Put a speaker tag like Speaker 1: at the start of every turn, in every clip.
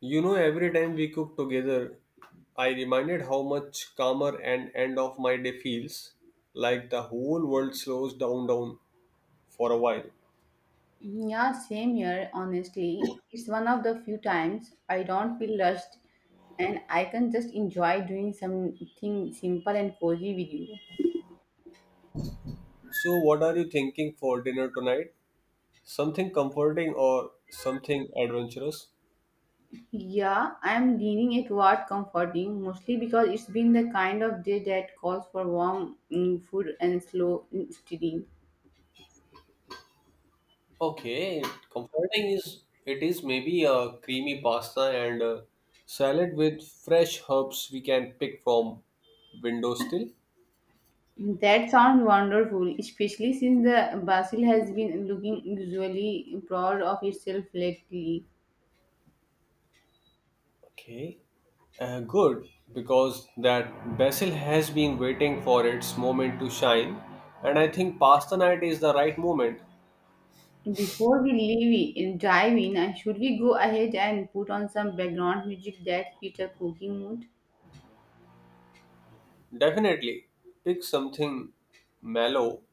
Speaker 1: You know, every time we cook together, I reminded how much calmer and end of my day feels, like the whole world slows down for a while.
Speaker 2: Yeah, same here, honestly. It's one of the few times I don't feel rushed and I can just enjoy doing something simple and cozy with you.
Speaker 1: So what are you thinking for dinner tonight? Something comforting or something adventurous?
Speaker 2: Yeah, I'm leaning it toward comforting mostly because it's been the kind of day that calls for warm food and slow steady.
Speaker 1: Okay, comforting is it is maybe a creamy pasta and a salad with fresh herbs we can pick from window still.
Speaker 2: That sounds wonderful, especially since the basil has been looking usually proud of itself lately.
Speaker 1: Okay, good, because that vessel has been waiting for its moment to shine, and I think pasta night is the right moment.
Speaker 2: Before we dive in, and should we go ahead and put on some background music that fits a cooking mood?
Speaker 1: Definitely, pick something mellow,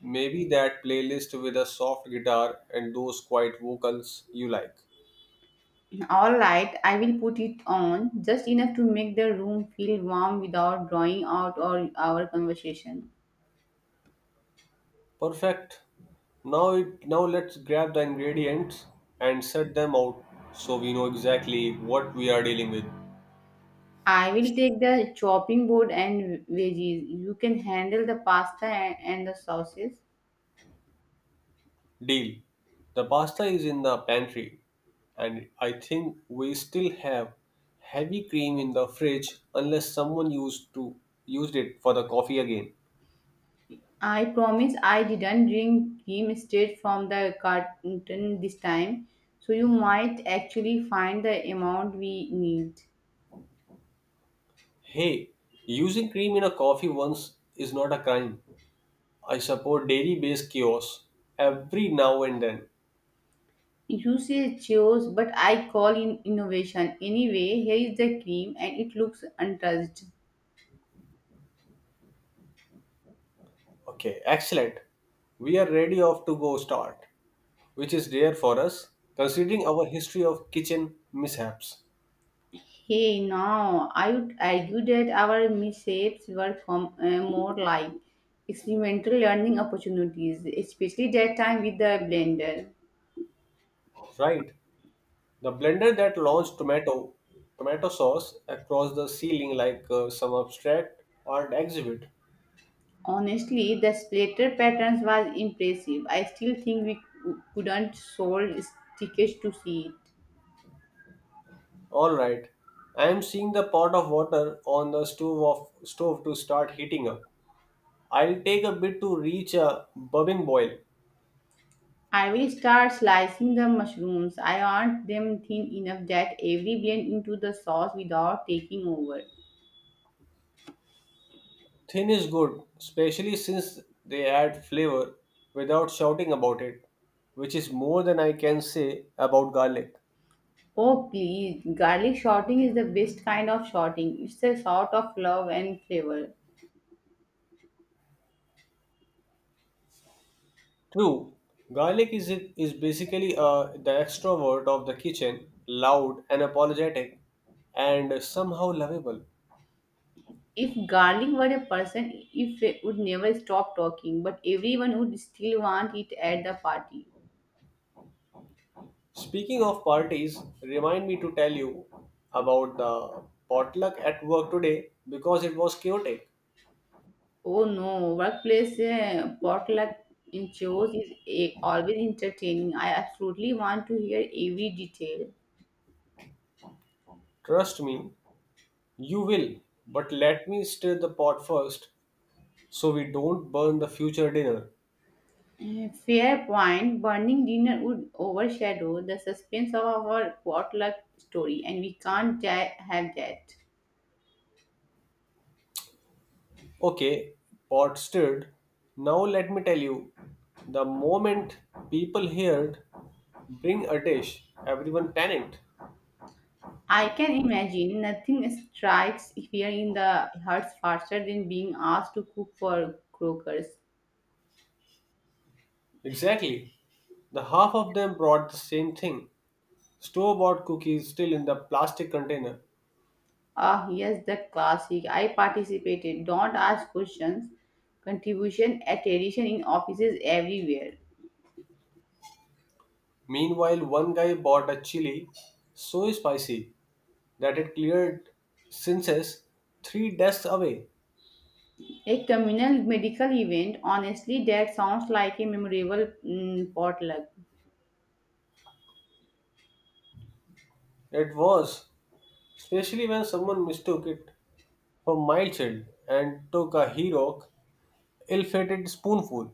Speaker 1: maybe that playlist with a soft guitar and those quiet vocals you like.
Speaker 2: All right, I will put it on just enough to make the room feel warm without drawing out all our conversation.
Speaker 1: Perfect. Now let's grab the ingredients and set them out so we know exactly what we are dealing with.
Speaker 2: I will take the chopping board and veggies. You can handle the pasta and the sauces.
Speaker 1: Deal. The pasta is in the pantry, and I think we still have heavy cream in the fridge unless someone used it for the coffee again.
Speaker 2: I promise I didn't bring him straight from the carton this time, so you might actually find the amount we need.
Speaker 1: Hey, using cream in a coffee once is not a crime. I support dairy-based kiosks every now and then.
Speaker 2: You say chose, but I call in innovation. Anyway, here is the cream and it looks untouched.
Speaker 1: Okay, excellent. We are ready off to go start, which is rare for us considering our history of kitchen mishaps.
Speaker 2: Hey, now I would argue that our mishaps were more like experimental learning opportunities, especially that time with the blender.
Speaker 1: Right? The blender that launched tomato sauce across the ceiling like some abstract art exhibit.
Speaker 2: Honestly, the splatter patterns was impressive. I still think we couldn't solve stickers to see it.
Speaker 1: All right, I am seeing the pot of water on the stove to start heating up. I'll take a bit to reach a bubbling boil.
Speaker 2: I will start slicing the mushrooms. I want them thin enough that every blend into the sauce without taking over.
Speaker 1: Thin is good, especially since they add flavor without shouting about it, which is more than I can say about garlic.
Speaker 2: Oh please, garlic shorting is the best kind of shorting. It's a sort of love and flavor.
Speaker 1: True, garlic is basically the extrovert of the kitchen, loud and apologetic, and somehow lovable.
Speaker 2: If garlic were a person, if it would never stop talking, but everyone would still want it at the party.
Speaker 1: Speaking of parties, remind me to tell you about the potluck at work today because it was chaotic.
Speaker 2: Oh no, workplace potluck in shows is a, always entertaining. I absolutely want to hear every detail.
Speaker 1: Trust me, you will. But let me stir the pot first so we don't burn the future dinner.
Speaker 2: Eh, fair point. Burning dinner would overshadow the suspense of our potluck story, and we can't have that.
Speaker 1: Okay, pot stirred. Now let me tell you. The moment people heard bring a dish, everyone panicked.
Speaker 2: I can imagine nothing strikes fear in the hearts faster than being asked to cook for croakers.
Speaker 1: Exactly. The half of them brought the same thing. Store bought cookies still in the plastic container.
Speaker 2: Ah, yes, the classic. I participated. Don't ask questions. Contribution attrition in offices everywhere.
Speaker 1: Meanwhile, one guy bought a chili so spicy that it cleared senses three desks away.
Speaker 2: A communal medical event. Honestly, that sounds like a memorable potluck.
Speaker 1: It was, especially when someone mistook it for mild child and took a hero ill-fated spoonful.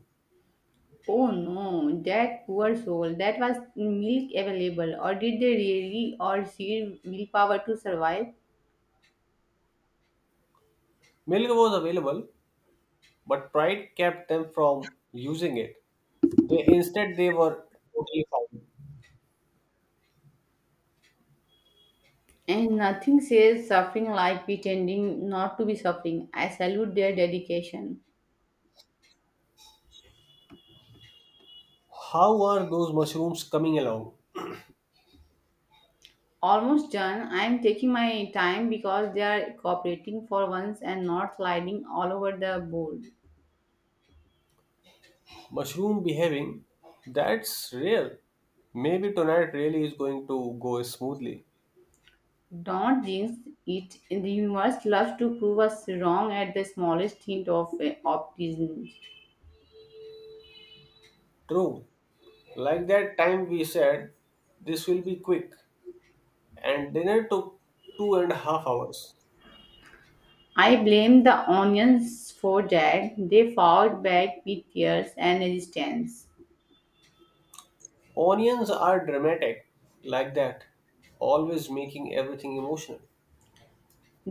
Speaker 2: Oh no, that poor soul. That was milk available, or did they really all see milk power to survive?
Speaker 1: Milk was available, but pride kept them from using it. They instead they were totally fine.
Speaker 2: And nothing says suffering like pretending not to be suffering. I salute their dedication.
Speaker 1: How are those mushrooms coming along?
Speaker 2: Almost done. I am taking my time because they are cooperating for once and not sliding all over the board.
Speaker 1: Mushroom behaving? That's real. Maybe tonight really is going to go smoothly.
Speaker 2: Don't jinx it. The universe loves to prove us wrong at the smallest hint of optimism.
Speaker 1: True. Like that time we said, this will be quick, and dinner took 2.5 hours.
Speaker 2: I blame the onions for that. They fought back with tears and resistance.
Speaker 1: Onions are dramatic, like that, always making everything emotional.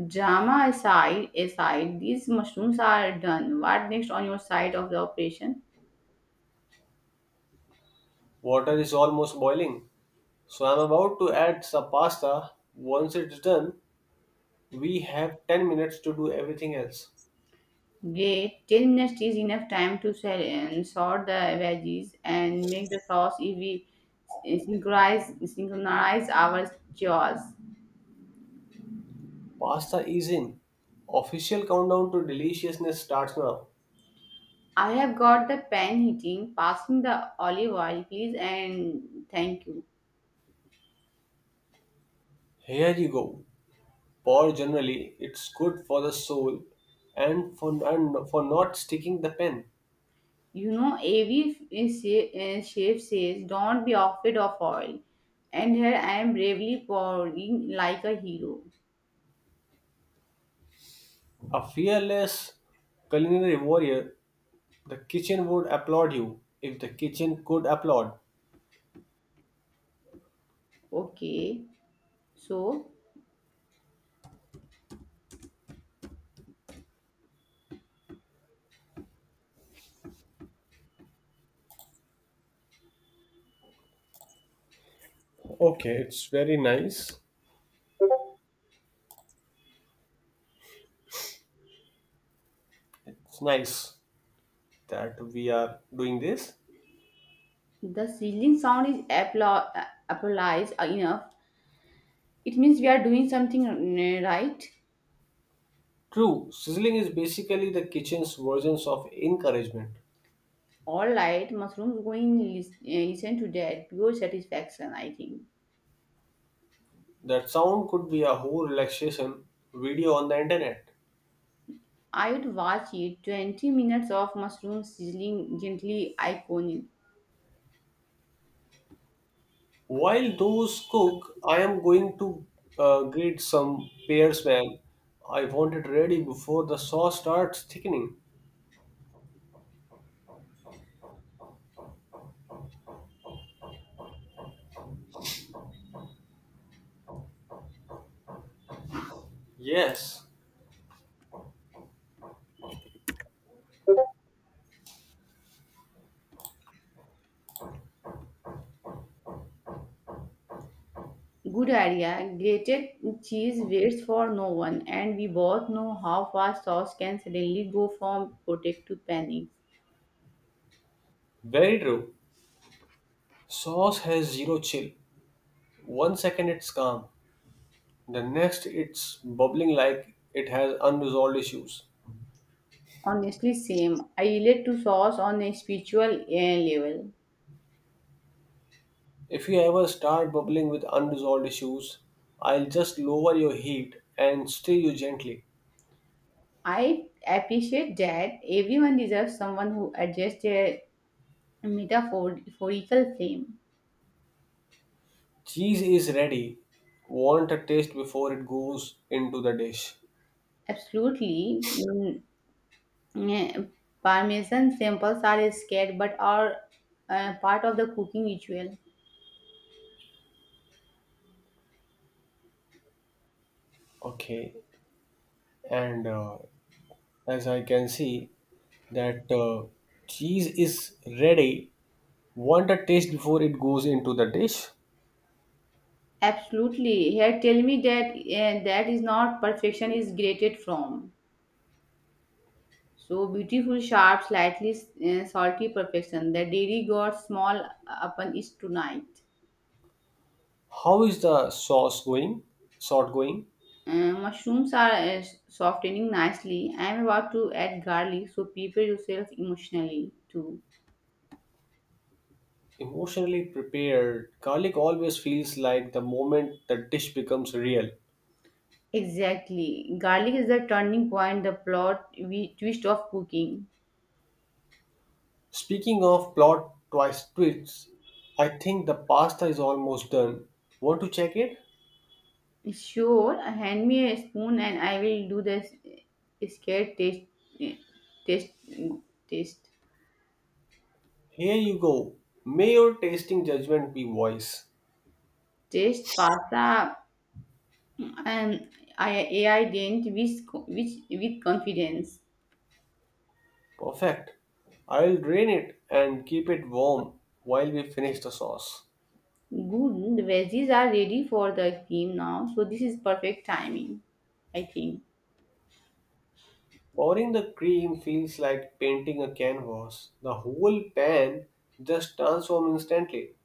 Speaker 2: Drama aside, these mushrooms are done. What next on your side of the operation?
Speaker 1: Water is almost boiling, so I'm about to add some pasta. Once it's done, we have 10 minutes to do everything else.
Speaker 2: Great. 10 minutes is enough time to sell and sort the veggies and make the sauce if we synchronize our jaws.
Speaker 1: Pasta is in. Official countdown to deliciousness starts now.
Speaker 2: I have got the pan heating. Passing the olive oil, please, and thank you.
Speaker 1: Here you go. Pour generally, it's good for the soul and for not sticking the pen.
Speaker 2: You know, AV Chef says, Don't be afraid of oil. And here I am bravely pouring like a hero.
Speaker 1: A fearless culinary warrior, the kitchen would applaud you if the kitchen could applaud.
Speaker 2: Okay, so
Speaker 1: Okay, it's very nice. It's nice that we are doing this?
Speaker 2: the sizzling sound is applies enough. It means we are doing something right.
Speaker 1: True, sizzling is basically the kitchen's versions of encouragement.
Speaker 2: All right, mushrooms going listen to that. Pure satisfaction, I think.
Speaker 1: That sound could be a whole relaxation video on the internet.
Speaker 2: I would watch it 20 minutes of mushroom sizzling gently iconic.
Speaker 1: While those cook, I am going to grate some pear smell. I want it ready before the sauce starts thickening. Yes,
Speaker 2: Good idea. Grated cheese waits for no one, and we both know how fast sauce can suddenly go from potato to panic.
Speaker 1: very true. Sauce has zero chill. One second it's calm, the next it's bubbling like it has unresolved issues.
Speaker 2: Honestly, same. I relate to sauce on a spiritual level.
Speaker 1: If you ever start bubbling with unresolved issues, I'll just lower your heat and stir you gently.
Speaker 2: I appreciate that everyone deserves someone who adjusts their metaphorical frame.
Speaker 1: Cheese is ready. Want a taste before it goes into the dish.
Speaker 2: Absolutely. Eh, Parmesan samples are scared but are part of the cooking ritual.
Speaker 1: Okay, and as I can see, that cheese is ready. Want a taste before it goes into the dish.
Speaker 2: Absolutely. Here, tell me that that is not perfection is grated from. So beautiful, sharp, slightly salty perfection. The dairy got small upon it tonight.
Speaker 1: How is the sauce going? Sort going?
Speaker 2: Mushrooms are softening nicely. I am about to add garlic, so prepare yourself emotionally too.
Speaker 1: Emotionally prepared, garlic always feels like the moment the dish becomes real.
Speaker 2: Exactly. Garlic is the turning point, the plot we twist of cooking.
Speaker 1: Speaking of plot twists, I think the pasta is almost done. Want to check it?
Speaker 2: Sure, hand me a spoon and I will do this scared taste, taste,
Speaker 1: Here you go. May your tasting judgment be wise.
Speaker 2: taste pasta and I, AI dent with, which, with confidence.
Speaker 1: Perfect. I'll drain it and keep it warm while we finish the sauce.
Speaker 2: Good, the veggies are ready for the cream now, so this is perfect timing, I think.
Speaker 1: Pouring the cream feels like painting a canvas. The whole pan just transforms instantly.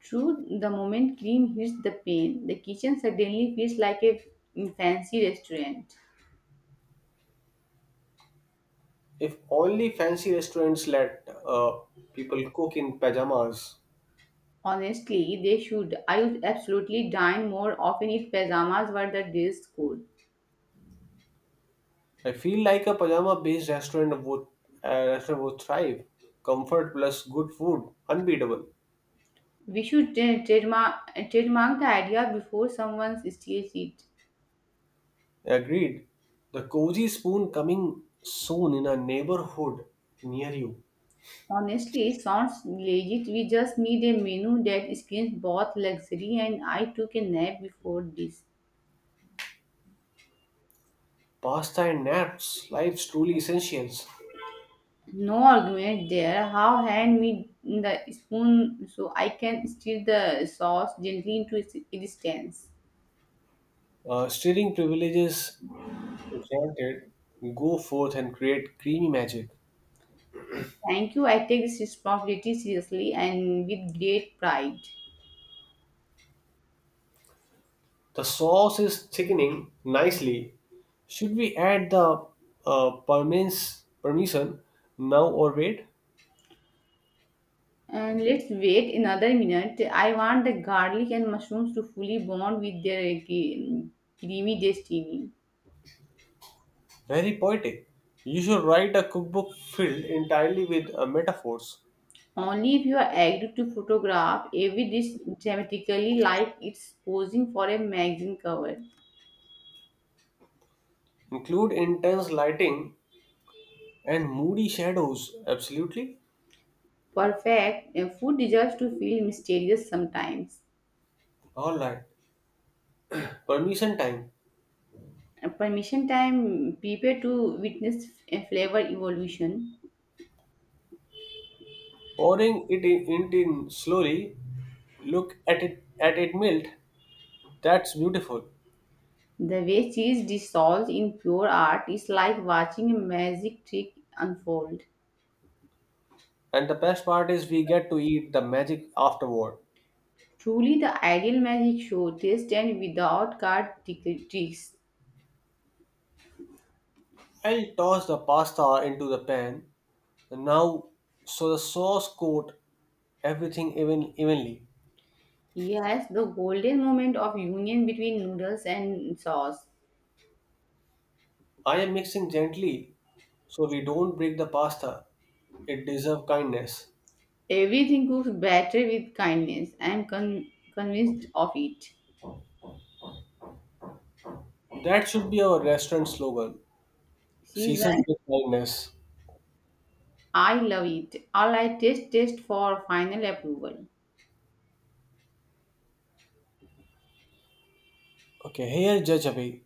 Speaker 2: True, the moment cream hits the pan, the kitchen suddenly feels like a fancy restaurant.
Speaker 1: If only fancy restaurants let people cook in pajamas.
Speaker 2: Honestly, they should. I would absolutely dine more often if pajamas were the dress code.
Speaker 1: I feel like a pajama-based restaurant would thrive. Comfort plus good food, unbeatable.
Speaker 2: We should trademark the idea before someone steals it.
Speaker 1: Agreed. The cozy spoon coming soon in a neighborhood near you.
Speaker 2: Honestly, it sounds legit. We just need a menu that screams both luxury and I took a nap before this.
Speaker 1: Pasta and naps, life's truly essentials.
Speaker 2: No argument there. How hand me the spoon so I can stir the sauce gently into its existence.
Speaker 1: Steering privileges granted. Go forth and create creamy magic.
Speaker 2: Thank you. I take this responsibility seriously and with great pride.
Speaker 1: The sauce is thickening nicely. Should we add the permins permission now or wait?
Speaker 2: And let's wait another minute. I want the garlic and mushrooms to fully bond with their creamy destiny.
Speaker 1: Very poetic. You should write a cookbook filled entirely with metaphors.
Speaker 2: Only if you are agreed to photograph every dish dramatically like it's posing for a magazine cover.
Speaker 1: Include intense lighting and moody shadows. Absolutely.
Speaker 2: Perfect. A food deserves to feel mysterious sometimes.
Speaker 1: Alright. Permission time.
Speaker 2: A permission time prepare to witness a flavor evolution.
Speaker 1: Pouring it in slowly. Look at it melt. That's beautiful.
Speaker 2: The way cheese dissolves in pure art is like watching a magic trick unfold.
Speaker 1: And the best part is we get to eat the magic afterward.
Speaker 2: Truly, the ideal magic show, taste and without card tricks.
Speaker 1: I'll toss the pasta into the pan. Now so the sauce coat everything evenly.
Speaker 2: Yes, the golden moment of union between noodles and sauce.
Speaker 1: I am mixing gently so we don't break the pasta. It deserves kindness.
Speaker 2: Everything cooks better with kindness. I am convinced of it.
Speaker 1: That should be our restaurant slogan.
Speaker 2: Season,
Speaker 1: Seasoned with kindness.
Speaker 2: I love it. All I taste, taste for final approval.
Speaker 1: Okay, here Judge Abhi.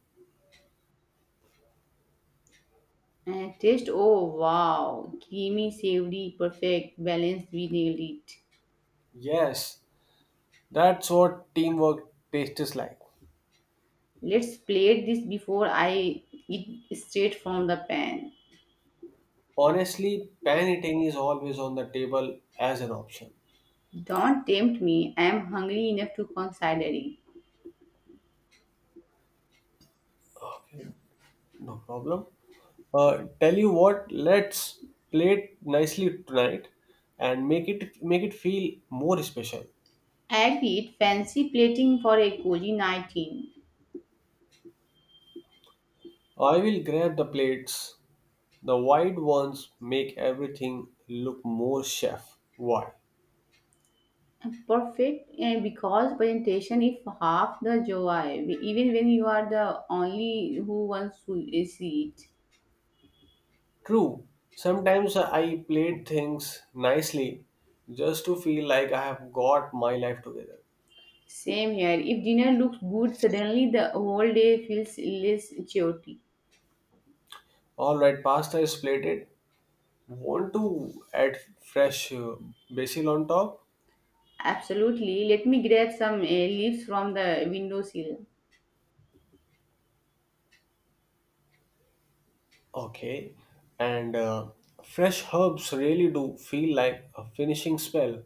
Speaker 2: And taste, oh wow, creamy, savory, perfect, balanced, we nailed it.
Speaker 1: Yes, that's what teamwork tastes like.
Speaker 2: Let's plate this before I eat straight from the pan.
Speaker 1: Honestly, pan eating is always on the table as an option.
Speaker 2: Don't tempt me, I am hungry enough to consider considering.
Speaker 1: Okay, no problem. Tell you what, let's play it nicely tonight and make it feel more special.
Speaker 2: Agreed, fancy plating for a cozy 19.
Speaker 1: I will grab the plates. The wide ones make everything look more chef. Why?
Speaker 2: A perfect because presentation is half the joy, even when you are the only who wants to see it.
Speaker 1: True. Sometimes I plate things nicely just to feel like I have got my life together.
Speaker 2: Same here, if dinner looks good, suddenly the whole day feels less chaotic.
Speaker 1: Alright, pasta is plated. Want to add fresh basil on top?
Speaker 2: Absolutely, let me grab some leaves from the windowsill.
Speaker 1: Okay. And fresh herbs really do feel like a finishing spell.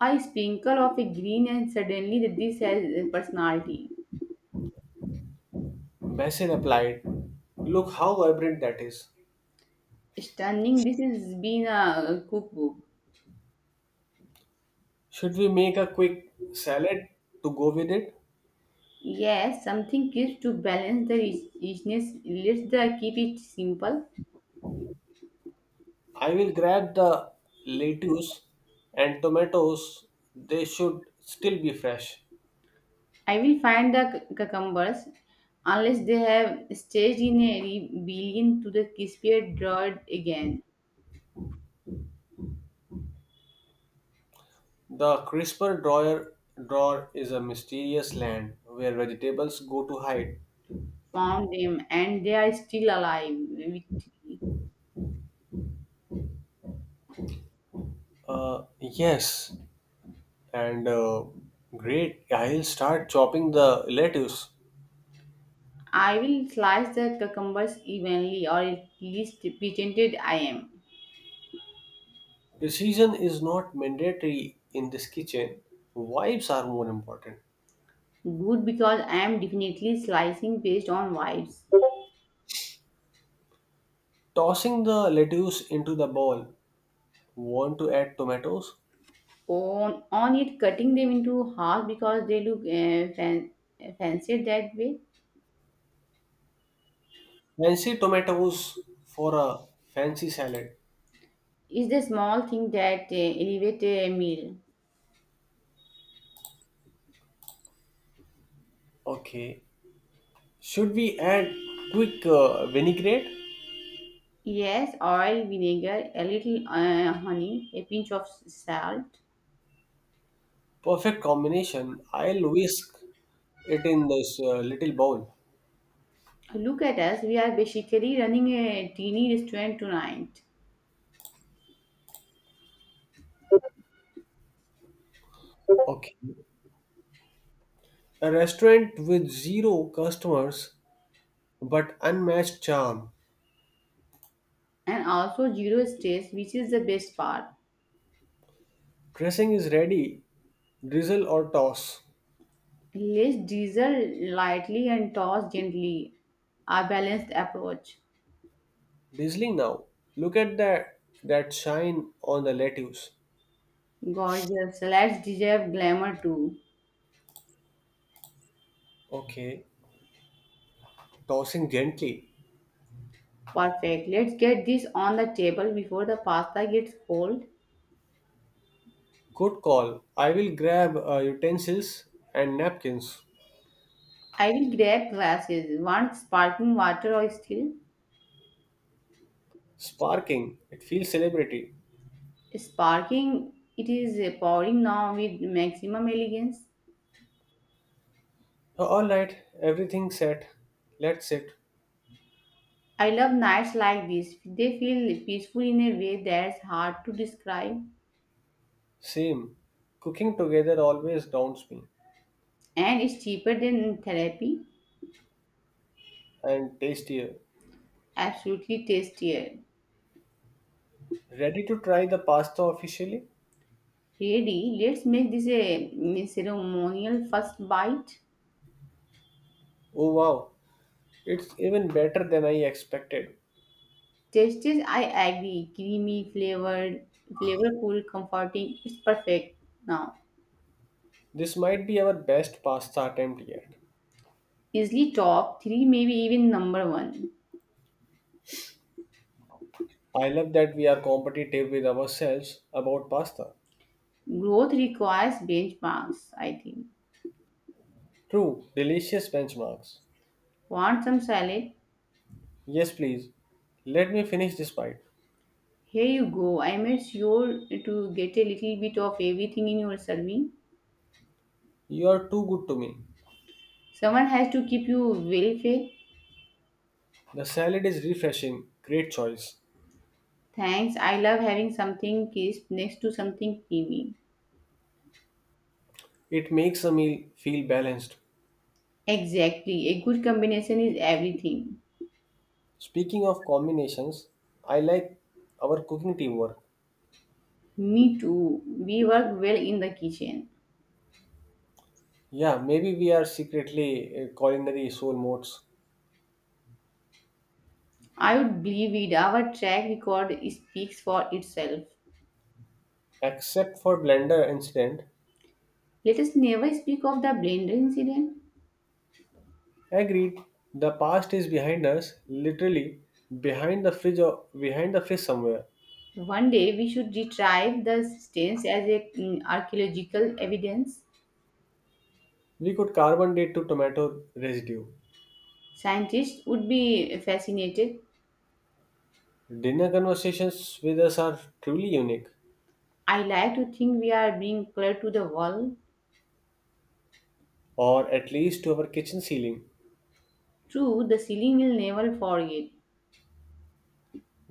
Speaker 2: I sprinkle of a green, and suddenly the dish has personality.
Speaker 1: Basil applied. Look how vibrant that is.
Speaker 2: Stunning, this has been a cookbook.
Speaker 1: Should we make a quick salad to go with it?
Speaker 2: Yes, something gives to balance the richness. Let's the, keep it simple.
Speaker 1: I will grab the lettuce and tomatoes. They should still be fresh.
Speaker 2: I will find the cucumbers unless they have staged in a rebellion to the crispier dirt again.
Speaker 1: The crisper drawer is a mysterious land where vegetables go to hide.
Speaker 2: Found them and they are still alive. With me.
Speaker 1: Yes, and great. I'll start chopping the lettuce.
Speaker 2: I will slice the cucumbers evenly or at least pretended I am.
Speaker 1: Precision is not mandatory in this kitchen. Vibes are more important.
Speaker 2: Good because I am definitely slicing based on vibes.
Speaker 1: Tossing the lettuce into the bowl. Want to add tomatoes?
Speaker 2: On it cutting them into half because they look fancied that way
Speaker 1: Fancy tomatoes for a fancy salad.
Speaker 2: is the small thing that elevate a meal
Speaker 1: Okay. Should we add quick vinaigrette?
Speaker 2: yes oil vinegar a little honey a pinch of salt
Speaker 1: Perfect combination. I'll whisk it in this little bowl.
Speaker 2: look at us we are basically running a teeny restaurant tonight
Speaker 1: Okay. A restaurant with zero customers but unmatched charm.
Speaker 2: and also zero stress which is the best part
Speaker 1: Dressing is ready. Drizzle or toss.
Speaker 2: less diesel lightly and toss gently a balanced approach
Speaker 1: Drizzling now. Look at that shine on the lettuce.
Speaker 2: gorgeous let's deserve glamour too.
Speaker 1: Okay. Tossing gently.
Speaker 2: Perfect. Let's get this on the table before the pasta gets cold.
Speaker 1: Good call. I will grab utensils and napkins.
Speaker 2: I will grab glasses. Want sparkling water or still?
Speaker 1: Sparking. It feels celebrity.
Speaker 2: Sparkling, it is pouring now with maximum elegance.
Speaker 1: All right, everything set. Let's sit.
Speaker 2: I love nights like this. They feel peaceful in a way that's hard to describe.
Speaker 1: Same. Cooking together always daunts me.
Speaker 2: And it's cheaper than therapy.
Speaker 1: And tastier.
Speaker 2: Absolutely tastier.
Speaker 1: Ready to try the pasta officially?
Speaker 2: Ready? Let's make this a ceremonial first bite.
Speaker 1: Oh wow, it's even better than I expected.
Speaker 2: Justice, I agree. Creamy, flavorful, comforting. It's perfect now.
Speaker 1: This might be our best pasta attempt yet.
Speaker 2: Easily top three, maybe even number one.
Speaker 1: I love that we are competitive with ourselves about pasta.
Speaker 2: Growth requires benchmarks, I think.
Speaker 1: True, delicious benchmarks.
Speaker 2: Want some salad?
Speaker 1: Yes, please. Let me finish this bite.
Speaker 2: Here you go. I made sure to get a little bit of everything in your serving.
Speaker 1: You are too good to me.
Speaker 2: Someone has to keep you well fed.
Speaker 1: The salad is refreshing. Great choice.
Speaker 2: Thanks. I love having something crisp next to something creamy.
Speaker 1: It makes a meal feel balanced.
Speaker 2: Exactly. A good combination is everything.
Speaker 1: Speaking of combinations, I like our cooking teamwork.
Speaker 2: Me too. We work well in the kitchen.
Speaker 1: Yeah, maybe we are secretly culinary soulmates.
Speaker 2: I would believe it. Our track record speaks for itself.
Speaker 1: Except for blender incident.
Speaker 2: Let us never speak of the blender incident.
Speaker 1: Agreed. The past is behind us, literally behind the fridge or behind the fridge somewhere.
Speaker 2: One day we should retrieve the stains as a archaeological evidence.
Speaker 1: We could carbon date to tomato residue.
Speaker 2: Scientists would be fascinated.
Speaker 1: Dinner conversations with us are truly unique,
Speaker 2: I like to think we are being clear to the world.
Speaker 1: or at least to our kitchen ceiling.
Speaker 2: True, the ceiling will never forget,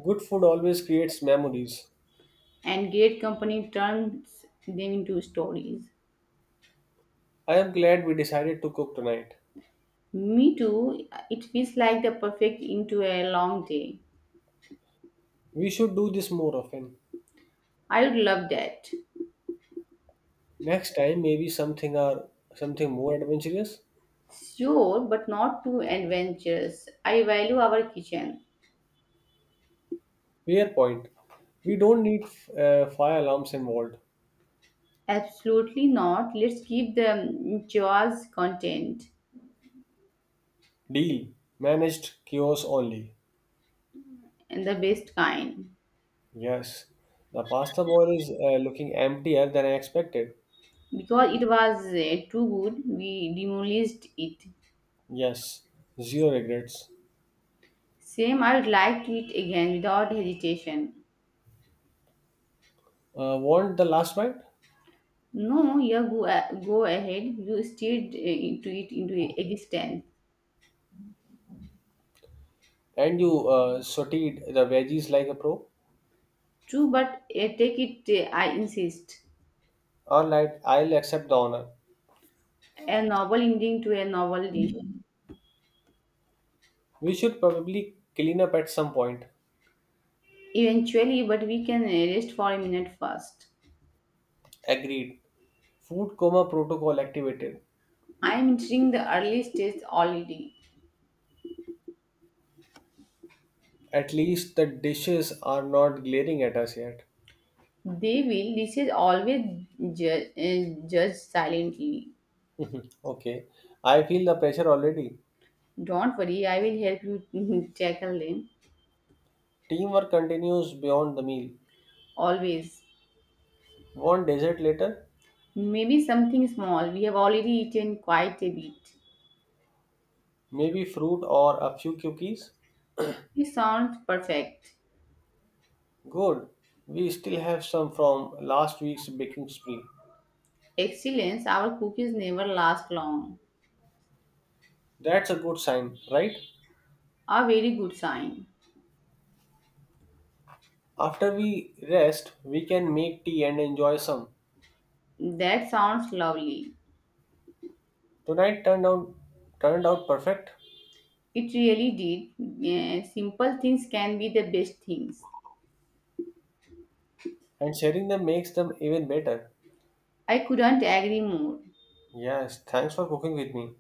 Speaker 1: Good food always creates memories.
Speaker 2: and great company turns them into stories.
Speaker 1: I am glad we decided to cook tonight.
Speaker 2: Me too. It feels like the perfect into a long day.
Speaker 1: We should do this more often.
Speaker 2: I would love that.
Speaker 1: Next time, maybe something or something more adventurous.
Speaker 2: Sure, but not too adventurous. I value our kitchen.
Speaker 1: Fair point. We don't need fire alarms involved.
Speaker 2: Absolutely not. Let's keep the jaws content
Speaker 1: Deal. Managed chaos only.
Speaker 2: and the best kind.
Speaker 1: Yes. The pasta bowl is looking emptier than I expected.
Speaker 2: Because it was too good, we demolished it.
Speaker 1: Yes. Zero regrets.
Speaker 2: Same, I would like to eat again without hesitation.
Speaker 1: Want the last bite?
Speaker 2: No, you go ahead. You steered into it into existence.
Speaker 1: And you sauteed the veggies like a pro?
Speaker 2: True, but take it, I insist.
Speaker 1: Alright, I'll accept the honor.
Speaker 2: A novel ending to a novel dish.
Speaker 1: We should probably clean up at some point.
Speaker 2: Eventually, but we can rest for a minute first.
Speaker 1: Agreed. Food coma protocol activated.
Speaker 2: I am entering the early stage already.
Speaker 1: At least the dishes are not glaring at us yet.
Speaker 2: They will, this is always judge silently.
Speaker 1: Mhm. Okay, I feel the pressure already.
Speaker 2: Don't worry, I will help you tackle them.
Speaker 1: Teamwork continues beyond the meal.
Speaker 2: Always.
Speaker 1: Want dessert later?
Speaker 2: Maybe something small. We have already eaten quite a bit.
Speaker 1: Maybe fruit or a few cookies?
Speaker 2: This sounds perfect.
Speaker 1: Good. We still have some from last week's baking spree.
Speaker 2: Excellence, our cookies never last long.
Speaker 1: That's a good sign, right?
Speaker 2: A very good sign.
Speaker 1: After we rest, we can make tea and enjoy some.
Speaker 2: That sounds lovely.
Speaker 1: Tonight turned out perfect,
Speaker 2: It really did. Eh, simple things can be the best things.
Speaker 1: and sharing them makes them even better.
Speaker 2: I couldn't agree more.
Speaker 1: Yes, thanks for cooking with me.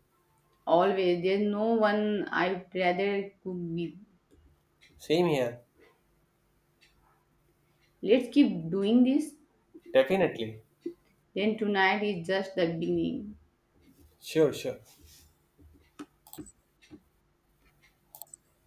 Speaker 2: Always, there's no one I'd rather cook with.
Speaker 1: Same here.
Speaker 2: Let's keep doing this.
Speaker 1: Definitely.
Speaker 2: Then tonight is just the beginning.
Speaker 1: Sure, sure.